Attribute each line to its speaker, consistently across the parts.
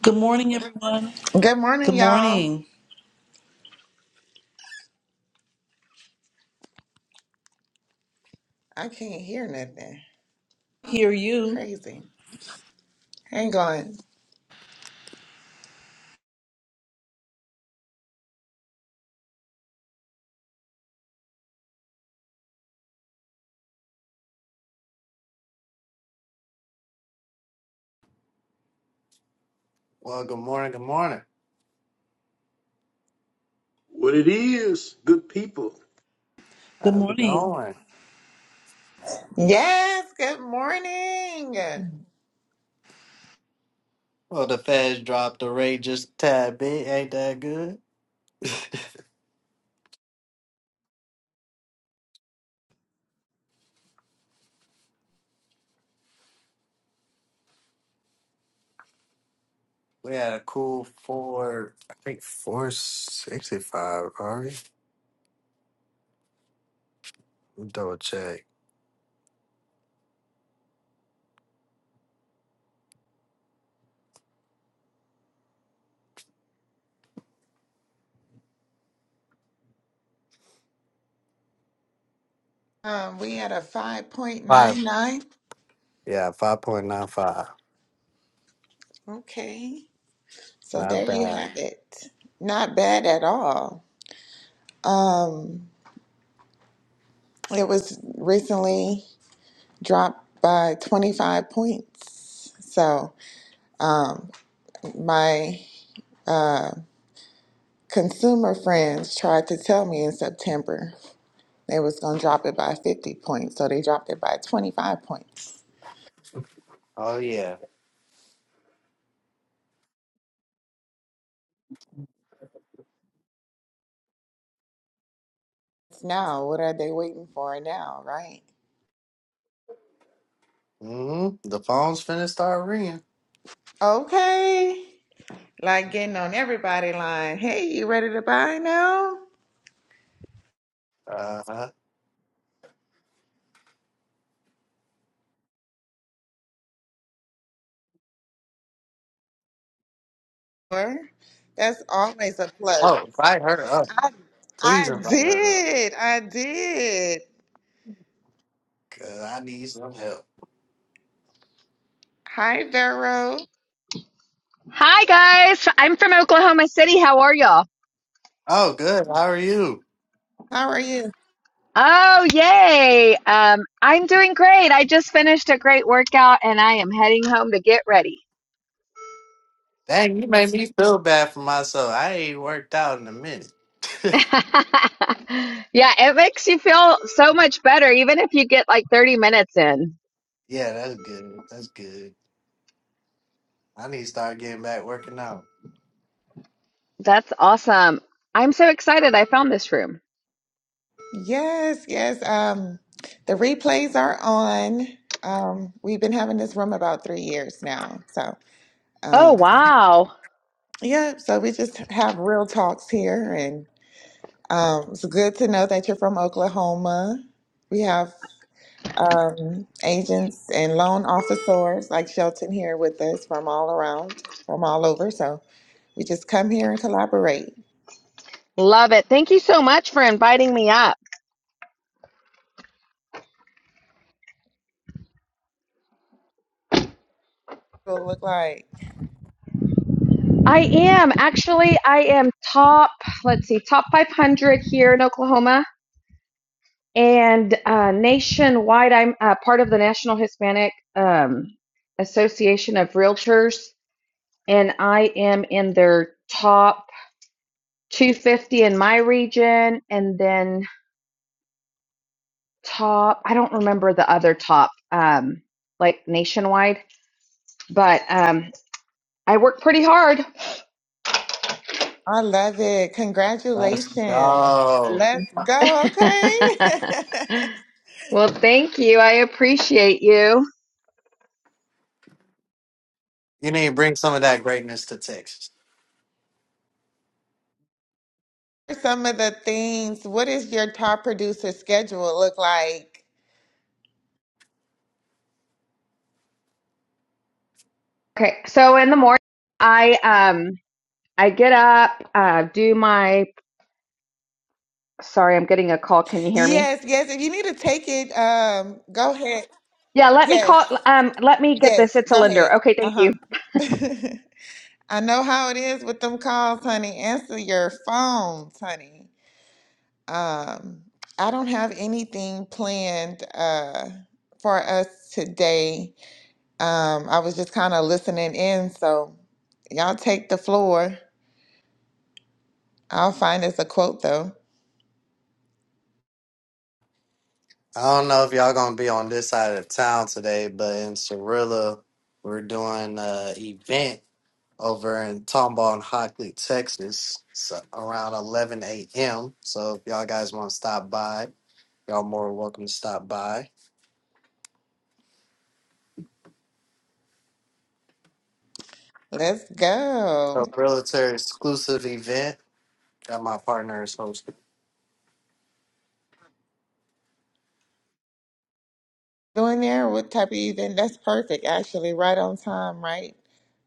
Speaker 1: Good morning, everyone.
Speaker 2: Good morning,
Speaker 1: Good
Speaker 2: y'all.
Speaker 1: morning.
Speaker 2: I can't hear nothing.
Speaker 1: Hear you.
Speaker 2: Crazy. Hang on.
Speaker 3: Well, good morning. Good morning.
Speaker 4: What it is, good people.
Speaker 1: Good
Speaker 3: How's it
Speaker 1: morning.
Speaker 3: going?
Speaker 2: Yes, good morning.
Speaker 3: Well, the Feds dropped the rate just a tad bit. Ain't that good? We had a cool four, I think four sixty-five. All right, double check.
Speaker 2: Um, we had a
Speaker 3: Five.
Speaker 2: 5.99.
Speaker 3: Yeah, five point nine five.
Speaker 2: Okay. So
Speaker 3: Not
Speaker 2: there you
Speaker 3: bad.
Speaker 2: have it. Not bad at all. Um, it was recently dropped by 25 points. So, um, my uh, consumer friends tried to tell me in September They was gonna drop it by 50 points, so they dropped it by 25 points.
Speaker 3: Oh yeah.
Speaker 2: Now, what are they waiting for now, right?
Speaker 3: Mm-hmm. The phone's finna start ringing.
Speaker 2: Okay. Like getting on everybody line. Hey, you ready to buy now?
Speaker 3: Uh huh.
Speaker 2: Or that's always a plus.
Speaker 3: Oh, invite her up.
Speaker 2: I
Speaker 3: Please
Speaker 2: I
Speaker 3: invite her up.
Speaker 2: did. I did.
Speaker 3: Cause I need some help.
Speaker 2: Hi, Vero.
Speaker 5: Hi guys, I'm from Oklahoma City. How are y'all?
Speaker 3: Oh, good. How are you?
Speaker 2: How are you?
Speaker 5: Oh, yay. Um, I'm doing great. I just finished a great workout and I am heading home to get ready.
Speaker 3: Dang, you made me feel bad for myself. I ain't worked out in a minute.
Speaker 5: yeah, it makes you feel so much better, even if you get like 30 minutes in.
Speaker 3: Yeah, that's good. That's good. I need to start getting back working out.
Speaker 5: That's awesome. I'm so excited I found this room.
Speaker 2: Yes, yes. Um, the replays are on. Um, we've been having this room about three years now. So,
Speaker 5: Oh,
Speaker 2: um,
Speaker 5: wow.
Speaker 2: Yeah, so we just have real talks here, and um, it's good to know that you're from Oklahoma. We have um, agents and loan officers like Shelton here with us from all around, from all over. So we just come here and collaborate.
Speaker 5: Love it. Thank you so much for inviting me up.
Speaker 2: It'll look like
Speaker 5: I am actually, I am top, let's see, top 500 here in Oklahoma and uh, nationwide, I'm uh, part of the National Hispanic um, Association of Realtors, and I am in their top 250 in my region, and then top, I don't remember the other top, um, like nationwide, but um, I work pretty hard.
Speaker 2: I love it.
Speaker 3: Let's
Speaker 2: Congratulations.
Speaker 3: go.
Speaker 2: Let's go. Okay.
Speaker 5: well, thank you. I appreciate you.
Speaker 3: You need to bring some of that greatness to Texas.
Speaker 2: are some of the things? What is your top producer schedule look like?
Speaker 5: Okay, so in the morning, I um I get up, uh, do my. Sorry, I'm getting a call. Can you hear me?
Speaker 2: Yes, yes. If you need to take it, um, go ahead.
Speaker 5: Yeah, let me
Speaker 2: Yes,
Speaker 5: call. Um, let me get this.
Speaker 2: yes.
Speaker 5: It's a
Speaker 2: Go ahead.
Speaker 5: lender. Okay, thank
Speaker 2: Uh
Speaker 5: you.
Speaker 2: huh. I know how it is with them calls, honey. Answer your phones, honey. Um, I don't have anything planned uh for us today. Um, I was just kind of listening in, so y'all take the floor. I'll find us a quote though.
Speaker 3: I don't know if y'all gonna be on this side of town today, but in Cirilla, we're doing a event over in Tomball and Hockley, Texas, so around 11 a.m. So if y'all guys want to stop by, y'all more welcome to stop by.
Speaker 2: Let's go.
Speaker 3: A realtor exclusive event that my partner is hosting.
Speaker 2: Doing there, what type of event? That's perfect, actually, right on time, right?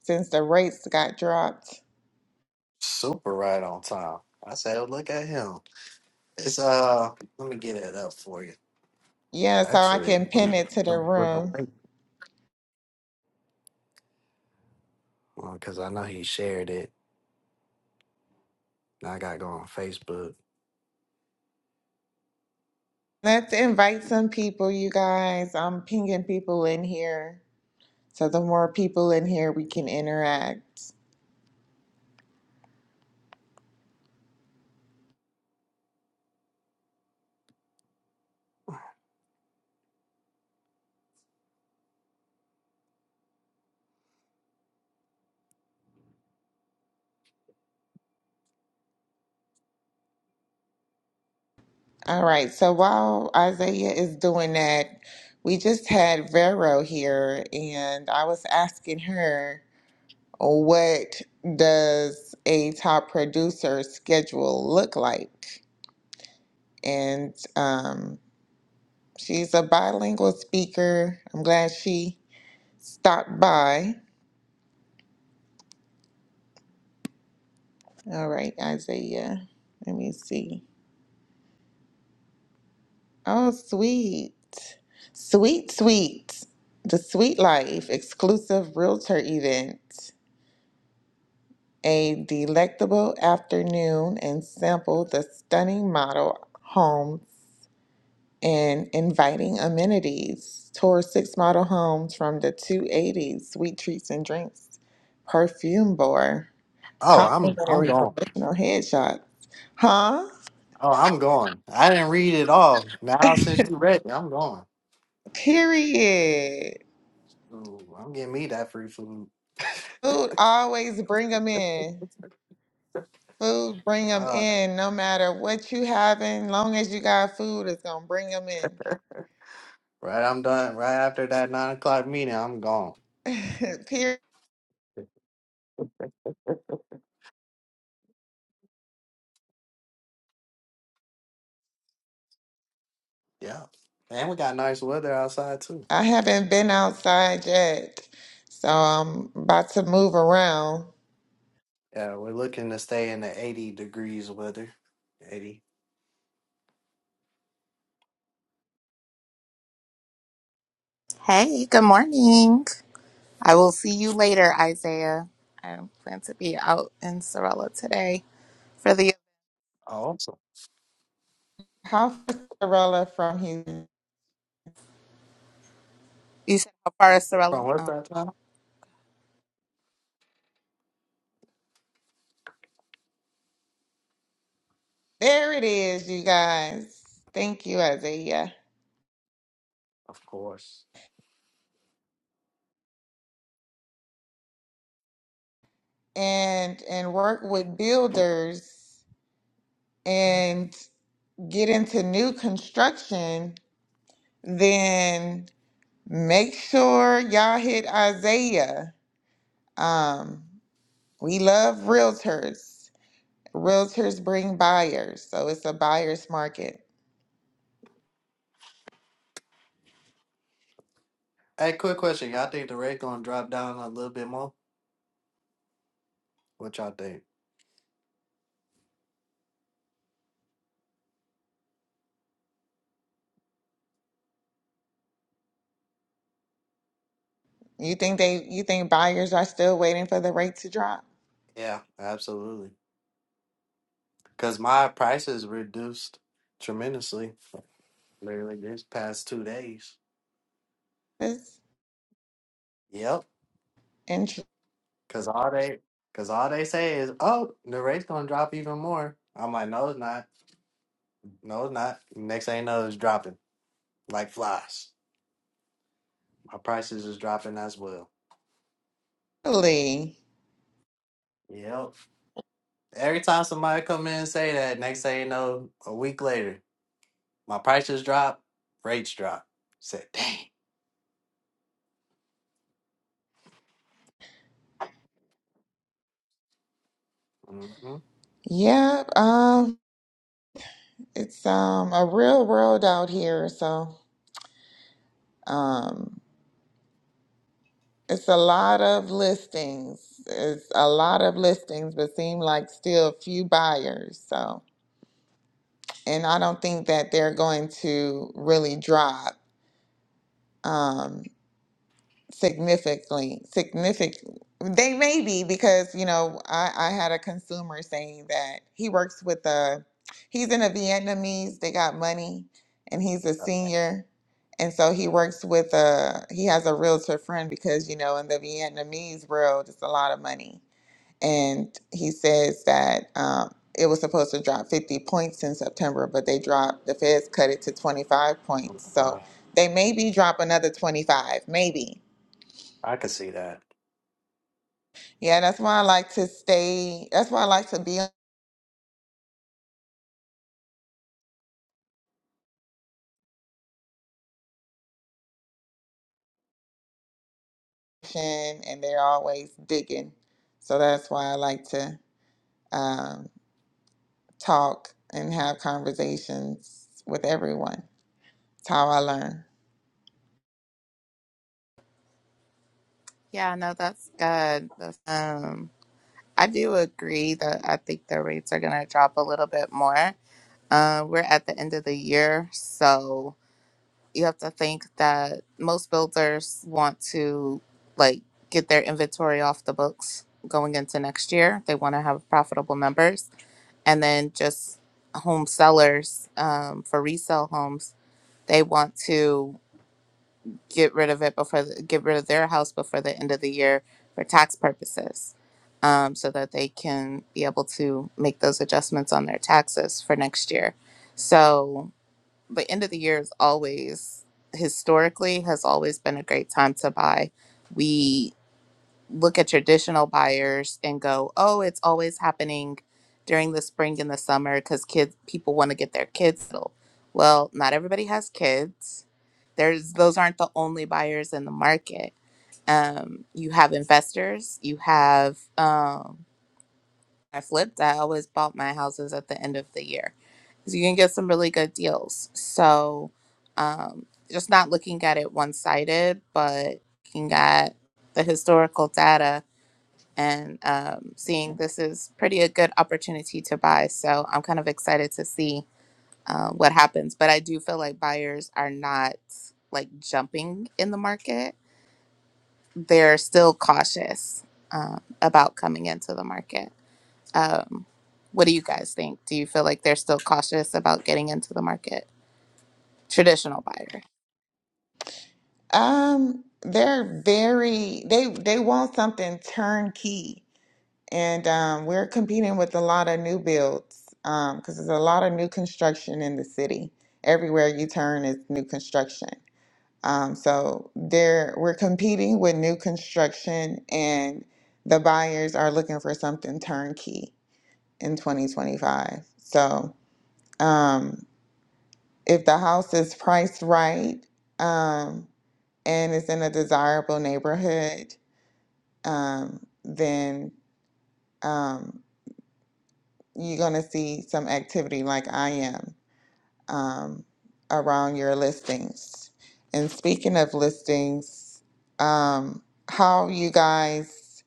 Speaker 2: Since the rates got dropped.
Speaker 3: Super right on time. I said, "Oh, look at him. It's uh, let me get it up for you.
Speaker 2: Yeah, so I
Speaker 3: Actually,
Speaker 2: can pin
Speaker 3: um,
Speaker 2: it to the
Speaker 3: with a
Speaker 2: room.
Speaker 3: link, because I know he shared it. and I got to go on Facebook.
Speaker 2: Let's invite some people, you guys. I'm pinging people in here. So the more people in here, we can interact. All right, so while Isaiah is doing that, we just had Vero here, and I was asking her. what does a top producer schedule look like? And um, she's a bilingual speaker. I'm glad she stopped by. All right, Isaiah. Let me see. Oh, sweet. Sweet, sweet. The Sweet Life exclusive realtor event. A delectable afternoon and sample the stunning model home and inviting amenities, tour six model homes from the 280s, sweet treats and drinks, perfume bar,
Speaker 3: Oh, I'm I'm
Speaker 2: complimentary
Speaker 3: gone.
Speaker 2: professional headshot. Huh?
Speaker 3: Oh, I'm gone. I didn't read it all. Now since you read it, I'm gone.
Speaker 2: Period.
Speaker 3: Ooh, I'm getting me that free food.
Speaker 2: Food always bring them in. Food bring them
Speaker 3: Uh,
Speaker 2: in no matter what you having. Long as you got food, it's gonna bring them
Speaker 3: right, I'm done. Right after that nine o'clock meeting, I'm gone.
Speaker 2: in. Period.
Speaker 3: Yeah, and we got nice weather outside too.
Speaker 2: I haven't been outside yet, so I'm about to move around.
Speaker 3: Yeah, we're looking to stay in the 80 degrees weather. 80.
Speaker 6: Hey, good morning. I will see you later, Isaiah. I plan to be out in Sorella today for the.
Speaker 3: Awesome.
Speaker 2: How far is Cinderella from Houston?
Speaker 6: You said how far is
Speaker 3: From
Speaker 6: Sorella?
Speaker 3: what
Speaker 6: Oh,
Speaker 3: side time?
Speaker 2: There it is, you guys. Thank you, Isaiah.
Speaker 3: Of course.
Speaker 2: And and work with builders and get into new construction, then make sure y'all hit Isaiah. Um, we love realtors. Realtors bring buyers, so it's a buyer's market.
Speaker 3: Hey, quick question. Y'all think the rate gonna drop down a little bit more? What y'all think?
Speaker 2: You think they you think buyers are still waiting for the rate to drop?
Speaker 3: Yeah, absolutely. Because my prices reduced tremendously literally this past two days.
Speaker 2: It's
Speaker 3: Yep.
Speaker 2: and
Speaker 3: Because all they because all they say is, oh, the rate's gonna drop even more. I'm like, no, it's not. No, it's not. Next thing you know, it's dropping like flies. My prices is dropping as well.
Speaker 2: truly,
Speaker 3: Yep. Every time somebody come in and say that, next thing you know, a week later, my prices drop, rates drop. Said, dang. hmm
Speaker 2: yeah. Um. It's um a real world out here, so um it's a lot of listings. It's a lot of listings, but seem like still few buyers. So, and I don't think that they're going to really drop. Um, significantly significant they may be because you know I, I had a consumer saying that he works with a he's in a vietnamese they got money and he's a senior and so he works with a he has a realtor friend because you know in the vietnamese world it's a lot of money and he says that um, it was supposed to drop 50 points in september but they dropped the feds cut it to 25 points so they maybe drop another 25 maybe
Speaker 3: I could see that.
Speaker 2: Yeah, that's why I like to stay. That's why I like to be on mission, and they're always digging. So that's why I like to um, talk and have conversations with everyone. It's how I learn.
Speaker 6: yeah, no, that's good. That's- um, I do agree that I think the rates are gonna drop a little bit more. Uh, we're at the end of the year, so you have to think that most builders want to like get their inventory off the books going into next year. They want to have profitable numbers. and then just home sellers um, for resale homes they want to get rid of it before the, get rid of their house before the end of the year for tax purposes um, so that they can be able to make those adjustments on their taxes for next year so the end of the year is always historically has always been a great time to buy we look at traditional buyers and go, oh, it's always happening during the spring and the summer because kids people want to get their kids settled. Well, not everybody has kids. There's those aren't the only buyers in the market. Um, you have investors. You have um, I flipped. I always bought my houses at the end of the year because you can get some really good deals. So um, just not looking at it one sided, but looking at the historical data and um, seeing this is pretty a good opportunity to buy. So I'm kind of excited to see uh, what happens. But I do feel like buyers are not like jumping in the market; they're still cautious um, about coming into the market. Um, what do you guys think? Do you feel like they're still cautious about getting into the market? Traditional buyers.
Speaker 2: Um, they're very they they want something turnkey, and um, we're competing with a lot of new builds because there's a lot of new construction in the city. Everywhere you turn is new construction. Um, so there, we're competing with new construction, and the buyers are looking for something turnkey in 2025. So um, if the house is priced right um, and it's in a desirable neighborhood, um, then um, you're going to see some activity like I am. um, around your listings. And speaking of listings, um, how you guys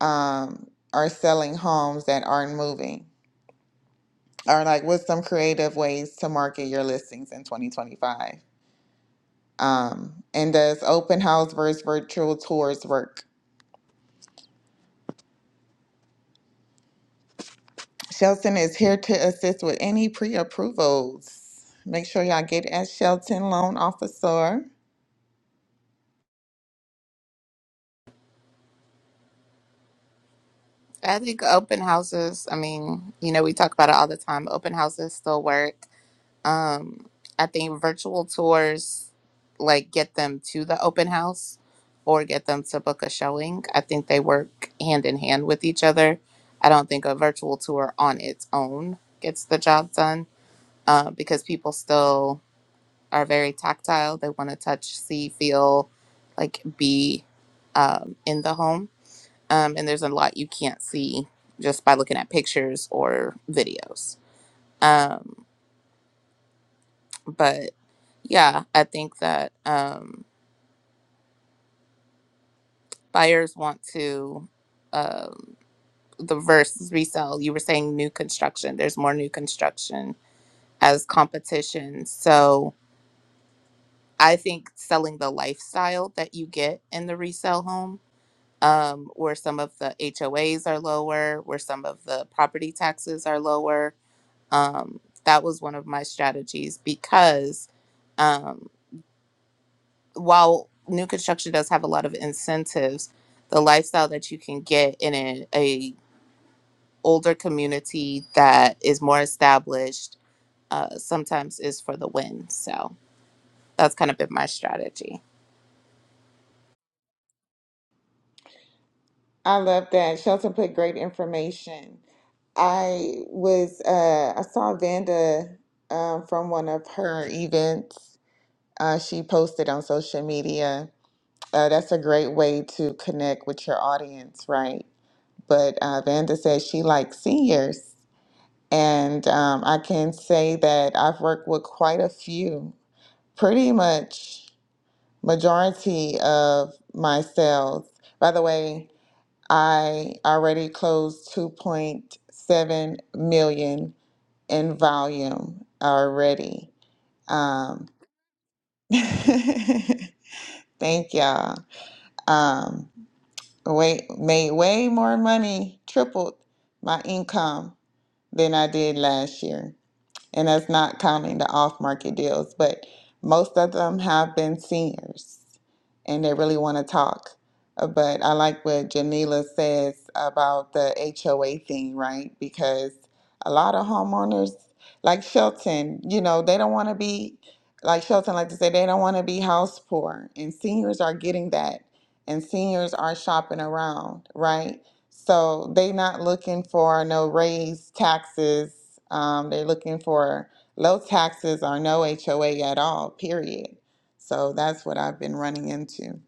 Speaker 2: um, are selling homes that aren't moving, or like what's some creative ways to market your listings in 2025? Um, and does open house versus virtual tours work? Shelton is here to assist with any pre approvals. Make sure y'all get at Shelton Loan Officer.
Speaker 6: I think open houses, I mean, you know, we talk about it all the time. Open houses still work Um, I think virtual tours like get them to the open house or get them to book a showing. I think they work hand in hand with each other. I don't think a virtual tour on its own gets the job done uh, because people still are very tactile. They want to touch, see, feel, like be um, in the home. Um, and there's a lot you can't see just by looking at pictures or videos. Um, but Yeah, I think that um, buyers want to um, the versus resell. You were saying new construction. There's more new construction as competition. So I think selling the lifestyle that you get in the resale home, um, where some of the HOAs are lower, where some of the property taxes are lower. Um, that was one of my strategies because Um, while new construction does have a lot of incentives, the lifestyle that you can get in a, a older community that is more established uh, sometimes is for the win. So that's kind of been my strategy.
Speaker 2: I love that. Shelton put great information. I was uh I saw Vanda um from one of her events. Uh she posted on social media. Uh that's a great way to connect with your audience, right? But uh Vanda says she likes seniors. And um I can say that I've worked with quite a few, pretty much majority of my sales. By the way, I already closed 2.7 million in volume already. Um, thank y'all. Um, way, made way more money, tripled my income than I did last year. and that's not counting the off market deals. But most of them have been seniors and they really want to talk. Uh, But I like what Janila says about the HOA thing, right? Because a lot of homeowners, like Shelton, you know, they don't want to be, like Shelton like to say, they don't want to be house poor. And seniors are getting that. And seniors are shopping around, right? So they not looking for no raise taxes. Um, they're looking for low taxes or no HOA at all, period. So that's what I've been running into.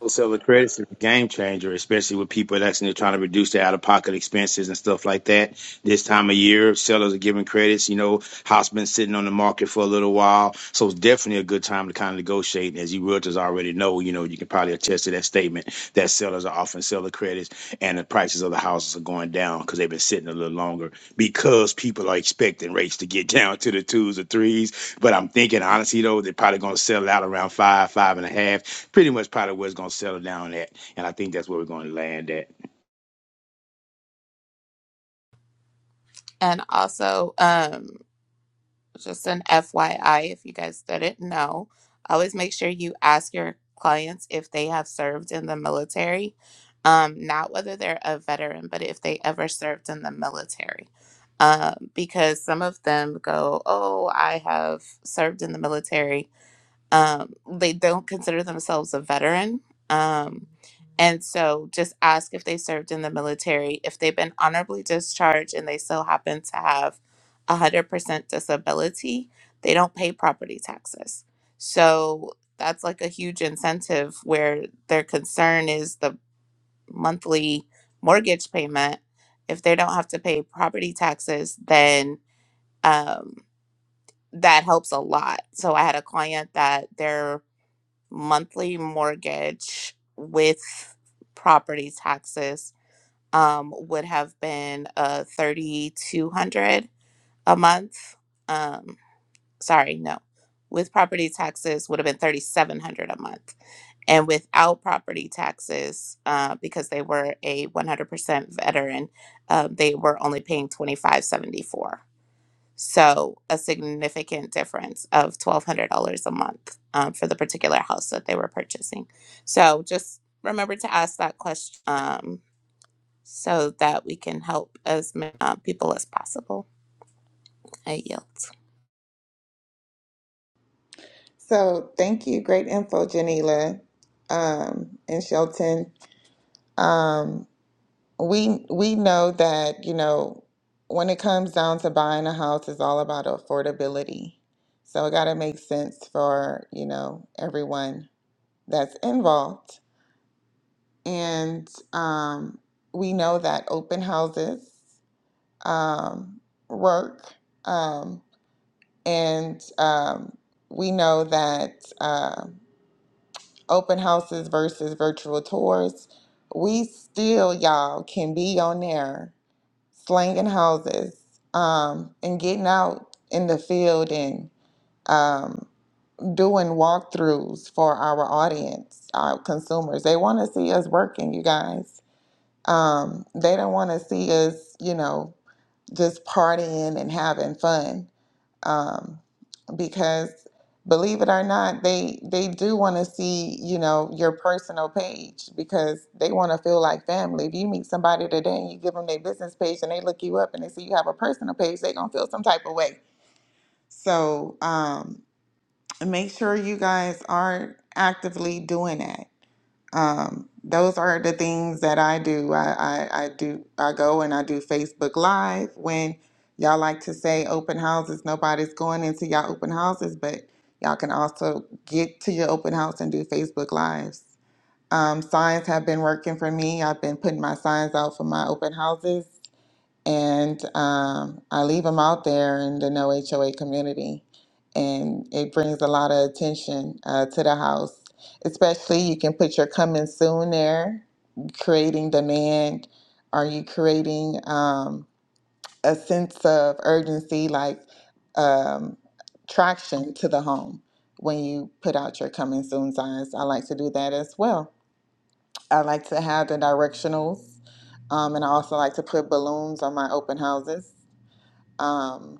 Speaker 4: Wholesaler credits is a game changer, especially with people that's trying to reduce their out of pocket expenses and stuff like that. this time of year. Sellers are giving credits. You know, house been sitting on the market for a little while, so it's definitely a good time to kind of negotiate. And as you realtors already know, you know you can probably attest to that statement that sellers are offering seller credits, and the prices of the houses are going down because they've been sitting a little longer because people are expecting rates to get down to the twos or threes. But I'm thinking honestly though, they're probably going to settle out around five, five and a half, pretty much probably where it's going to settle down at, and I think that's where we're going to land at.
Speaker 6: And also, um, just an FYI, if you guys didn't know, always make sure you ask your clients if they have served in the military. Um, not whether they're a veteran, but if they ever served in the military. Um, because some of them go, Oh, I have served in the military um, they don't consider themselves a veteran. Um, and so just ask if they served in the military. If they've been honorably discharged and they still happen to have 100% disability, they don't pay property taxes. So that's like a huge incentive where their concern is the monthly mortgage payment. If they don't have to pay property taxes, then um, that helps a lot. So I had a client that their monthly mortgage with property taxes um, would have been uh, 3200 a month um, sorry no with property taxes would have been 3700 a month and without property taxes uh, because they were a 100% veteran uh they were only paying 2574 so a significant difference of twelve hundred dollars a month um, for the particular house that they were purchasing. So just remember to ask that question um, so that we can help as many uh, people as possible. I yield.
Speaker 2: So thank you. Great info, Janila um, and Shelton. Um, we we know that, you know, when it comes down to buying a house, it's all about affordability. So it gotta make sense for, you know, everyone that's involved. And um, we know that open houses um, work. Um, and um, we know that uh, open houses versus virtual tours, we still, y'all, can be on there slanging houses um, and getting out in the field and um, doing walkthroughs for our audience, our consumers. They want to see us working, you guys Um, they don't want to see us, you know, just partying and having fun. Um, because believe it or not, they they do want to see, you know, your personal page because they want to feel like family. If you meet somebody today and you give them their business page and they look you up and they see you have a personal page, they're gonna feel some type of way. So um, make sure you guys are actively doing that um, those are the things that I do. I, I, I do. I go and I do Facebook Live when y'all like to say open houses. Nobody's going into y'all open houses, but y'all can also get to your open house and do Facebook Lives. Um, signs have been working for me. I've been putting my signs out for my open houses and um, I leave them out there in the no HOA community, and it brings a lot of attention uh, to the house. Especially, you can put your coming soon there, creating demand. Are you creating um, a sense of urgency, like um, traction to the home when you put out your coming soon signs? I like to do that as well. I like to have the directionals, um, and I also like to put balloons on my open houses um,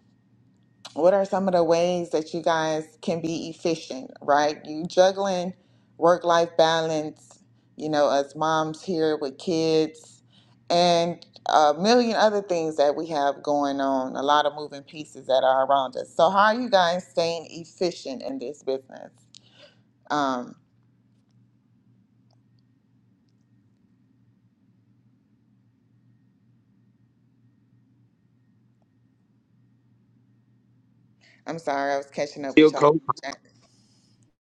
Speaker 2: what are some of the ways that you guys can be efficient right you juggling work life balance you know as moms here with kids and a million other things that we have going on a lot of moving pieces that are around us so how are you guys staying efficient in this business um, i'm sorry i was catching up with
Speaker 4: Still
Speaker 2: y'all
Speaker 4: coach.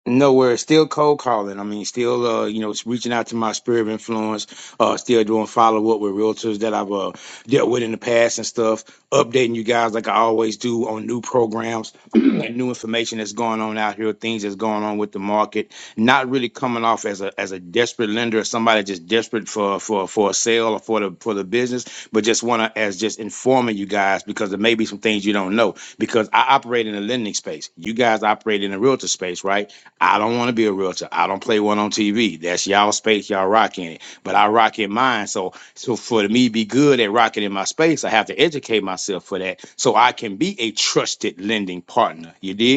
Speaker 4: No, where it's still cold calling. I mean, still, uh, you know, reaching out to my sphere of influence, uh, still doing follow up with realtors that I've uh, dealt with in the past and stuff, updating you guys like I always do on new programs and new information that's going on out here, things that's going on with the market. Not really coming off as a as a desperate lender or somebody just desperate for for for a sale or for the for the business, but just wanna as just informing you guys because there may be some things you don't know. Because I operate in a lending space. You guys operate in a realtor space, right? I don't want to be a realtor. I don't play one on TV. That's y'all space, y'all rocking it. But I rock in mine. So so for me to be good at rocking in my space, I have to educate myself for that so I can be a trusted lending partner. You did?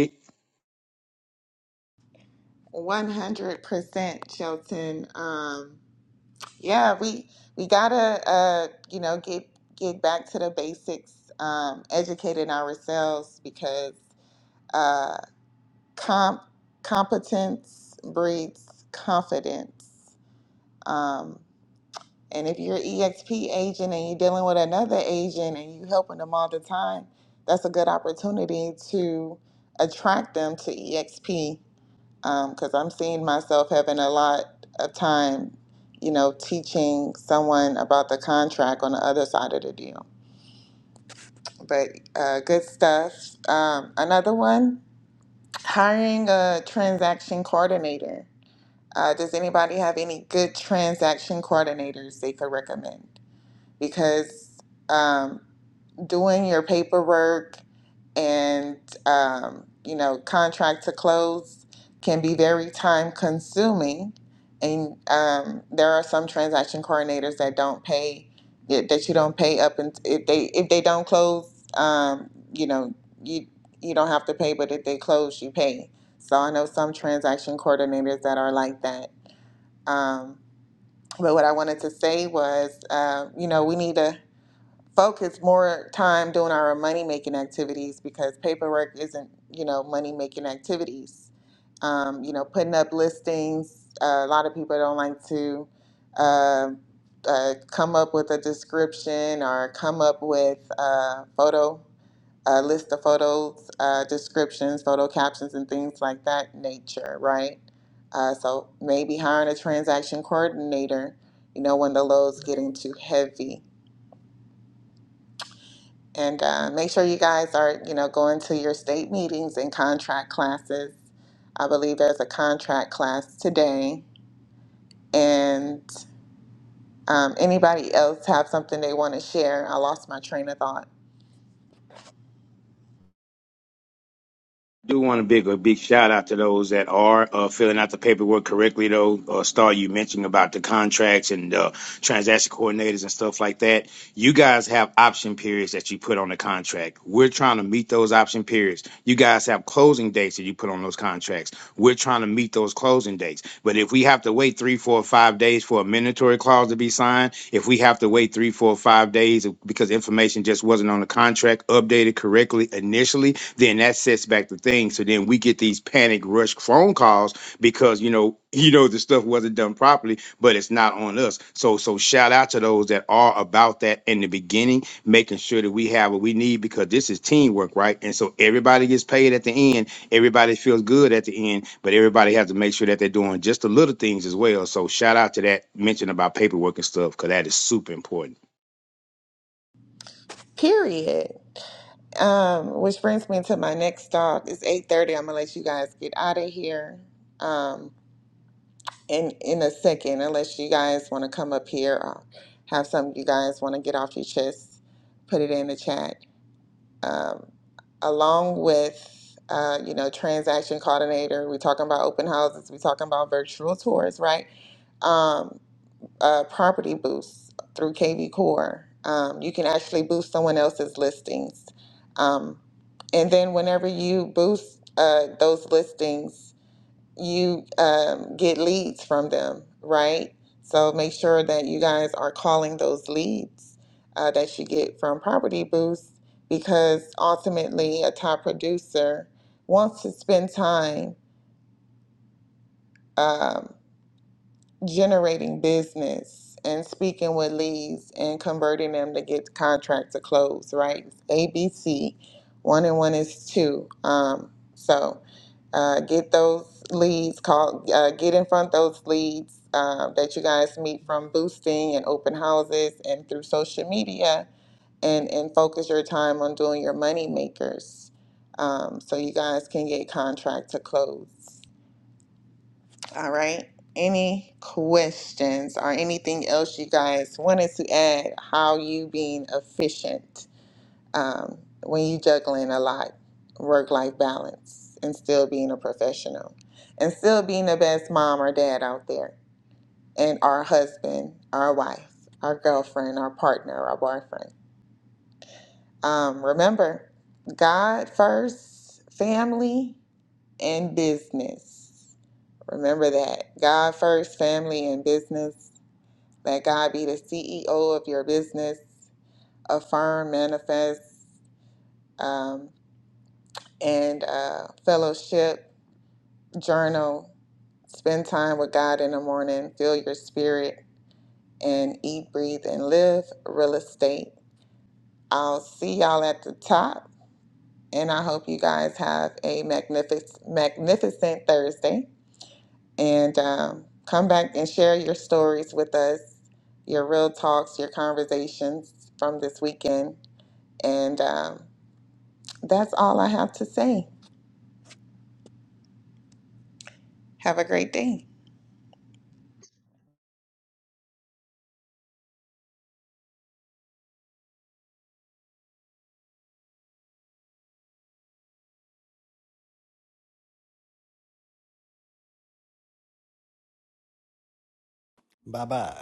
Speaker 2: 100% shelton Um, Yeah, we we gotta uh, you know get get back to the basics, um, educating ourselves because uh, comp competence breeds confidence. Um, and if you're an EXP agent and you're dealing with another agent and you helping them all the time, that's a good opportunity to attract them to EXP because I'm seeing myself having a lot of time, you know, teaching someone about the contract on the other side of the deal. But uh, good stuff. Um, another one hiring a transaction coordinator. Uh, does anybody have any good transaction coordinators they could recommend? Because um, doing your paperwork and um, you know contract to close can be very time consuming and um, there are some transaction coordinators that don't pay that that you don't pay up and if they if they don't close um, you know you you don't have to pay but if they close you pay so i know some transaction coordinators that are like that um, but what i wanted to say was uh, you know we need to focus more time doing our money making activities because paperwork isn't, you know, money making activities. Um, you know, putting up listings. Uh, a lot of people don't like to uh, uh, come up with a description or come up with uh, photo, uh, list of photos, uh, descriptions, photo captions, and things like that nature, right? Uh, so maybe hiring a transaction coordinator, you know, when the load's getting too heavy and uh, make sure you guys are, you know, going to your state meetings and contract classes. I believe there's a contract class today. And um, anybody else have something they want to share? I lost my train of thought.
Speaker 4: do want a big a big shout out to those that are uh, filling out the paperwork correctly though uh, star you mentioned about the contracts and uh, transaction coordinators and stuff like that you guys have option periods that you put on the contract we're trying to meet those option periods you guys have closing dates that you put on those contracts we're trying to meet those closing dates but if we have to wait three four five days for a mandatory clause to be signed if we have to wait three four five days because information just wasn't on the contract updated correctly initially then that sets back the thing. So then we get these panic rush phone calls because you know you know the stuff wasn't done properly, but it's not on us. So so shout out to those that are about that in the beginning, making sure that we have what we need because this is teamwork, right? And so everybody gets paid at the end, everybody feels good at the end, but everybody has to make sure that they're doing just the little things as well. So shout out to that mention about paperwork and stuff because that is super important.
Speaker 2: Period. Um, which brings me to my next talk. It's eight thirty. I'm gonna let you guys get out of here. Um, in in a second, unless you guys want to come up here or have something you guys want to get off your chest, put it in the chat. um, along with uh, you know transaction coordinator we're talking about open houses we're talking about virtual tours right um, uh, property boosts through kv core um, you can actually boost someone else's listings um, and then whenever you boost uh, those listings you um, get leads from them, right? So make sure that you guys are calling those leads uh, that you get from Property Boost because ultimately a top producer wants to spend time um, generating business and speaking with leads and converting them to get contracts to close, right? ABC, one and one is two. Um, so uh, get those leads, call, uh, get in front of those leads um, that you guys meet from boosting and open houses and through social media, and and focus your time on doing your money makers, um, so you guys can get contract to close. All right. Any questions or anything else you guys wanted to add? How you being efficient? um, when you juggling a lot, work life balance, and still being a professional, and still being the best mom or dad out there, and our husband, our wife, our girlfriend, our partner, our boyfriend. Um, remember, God first, family, and business. Remember that. God first, family, and business. Let God be the CEO of your business. Affirm, manifest, um, and uh, fellowship journal, spend time with God in the morning, feel your spirit, and eat, breathe, and live real estate. I'll see y'all at the top, and I hope you guys have a magnificent, magnificent Thursday. And um, come back and share your stories with us, your real talks, your conversations from this weekend. And um, that's all I have to say. Have a great day.
Speaker 3: Bye bye.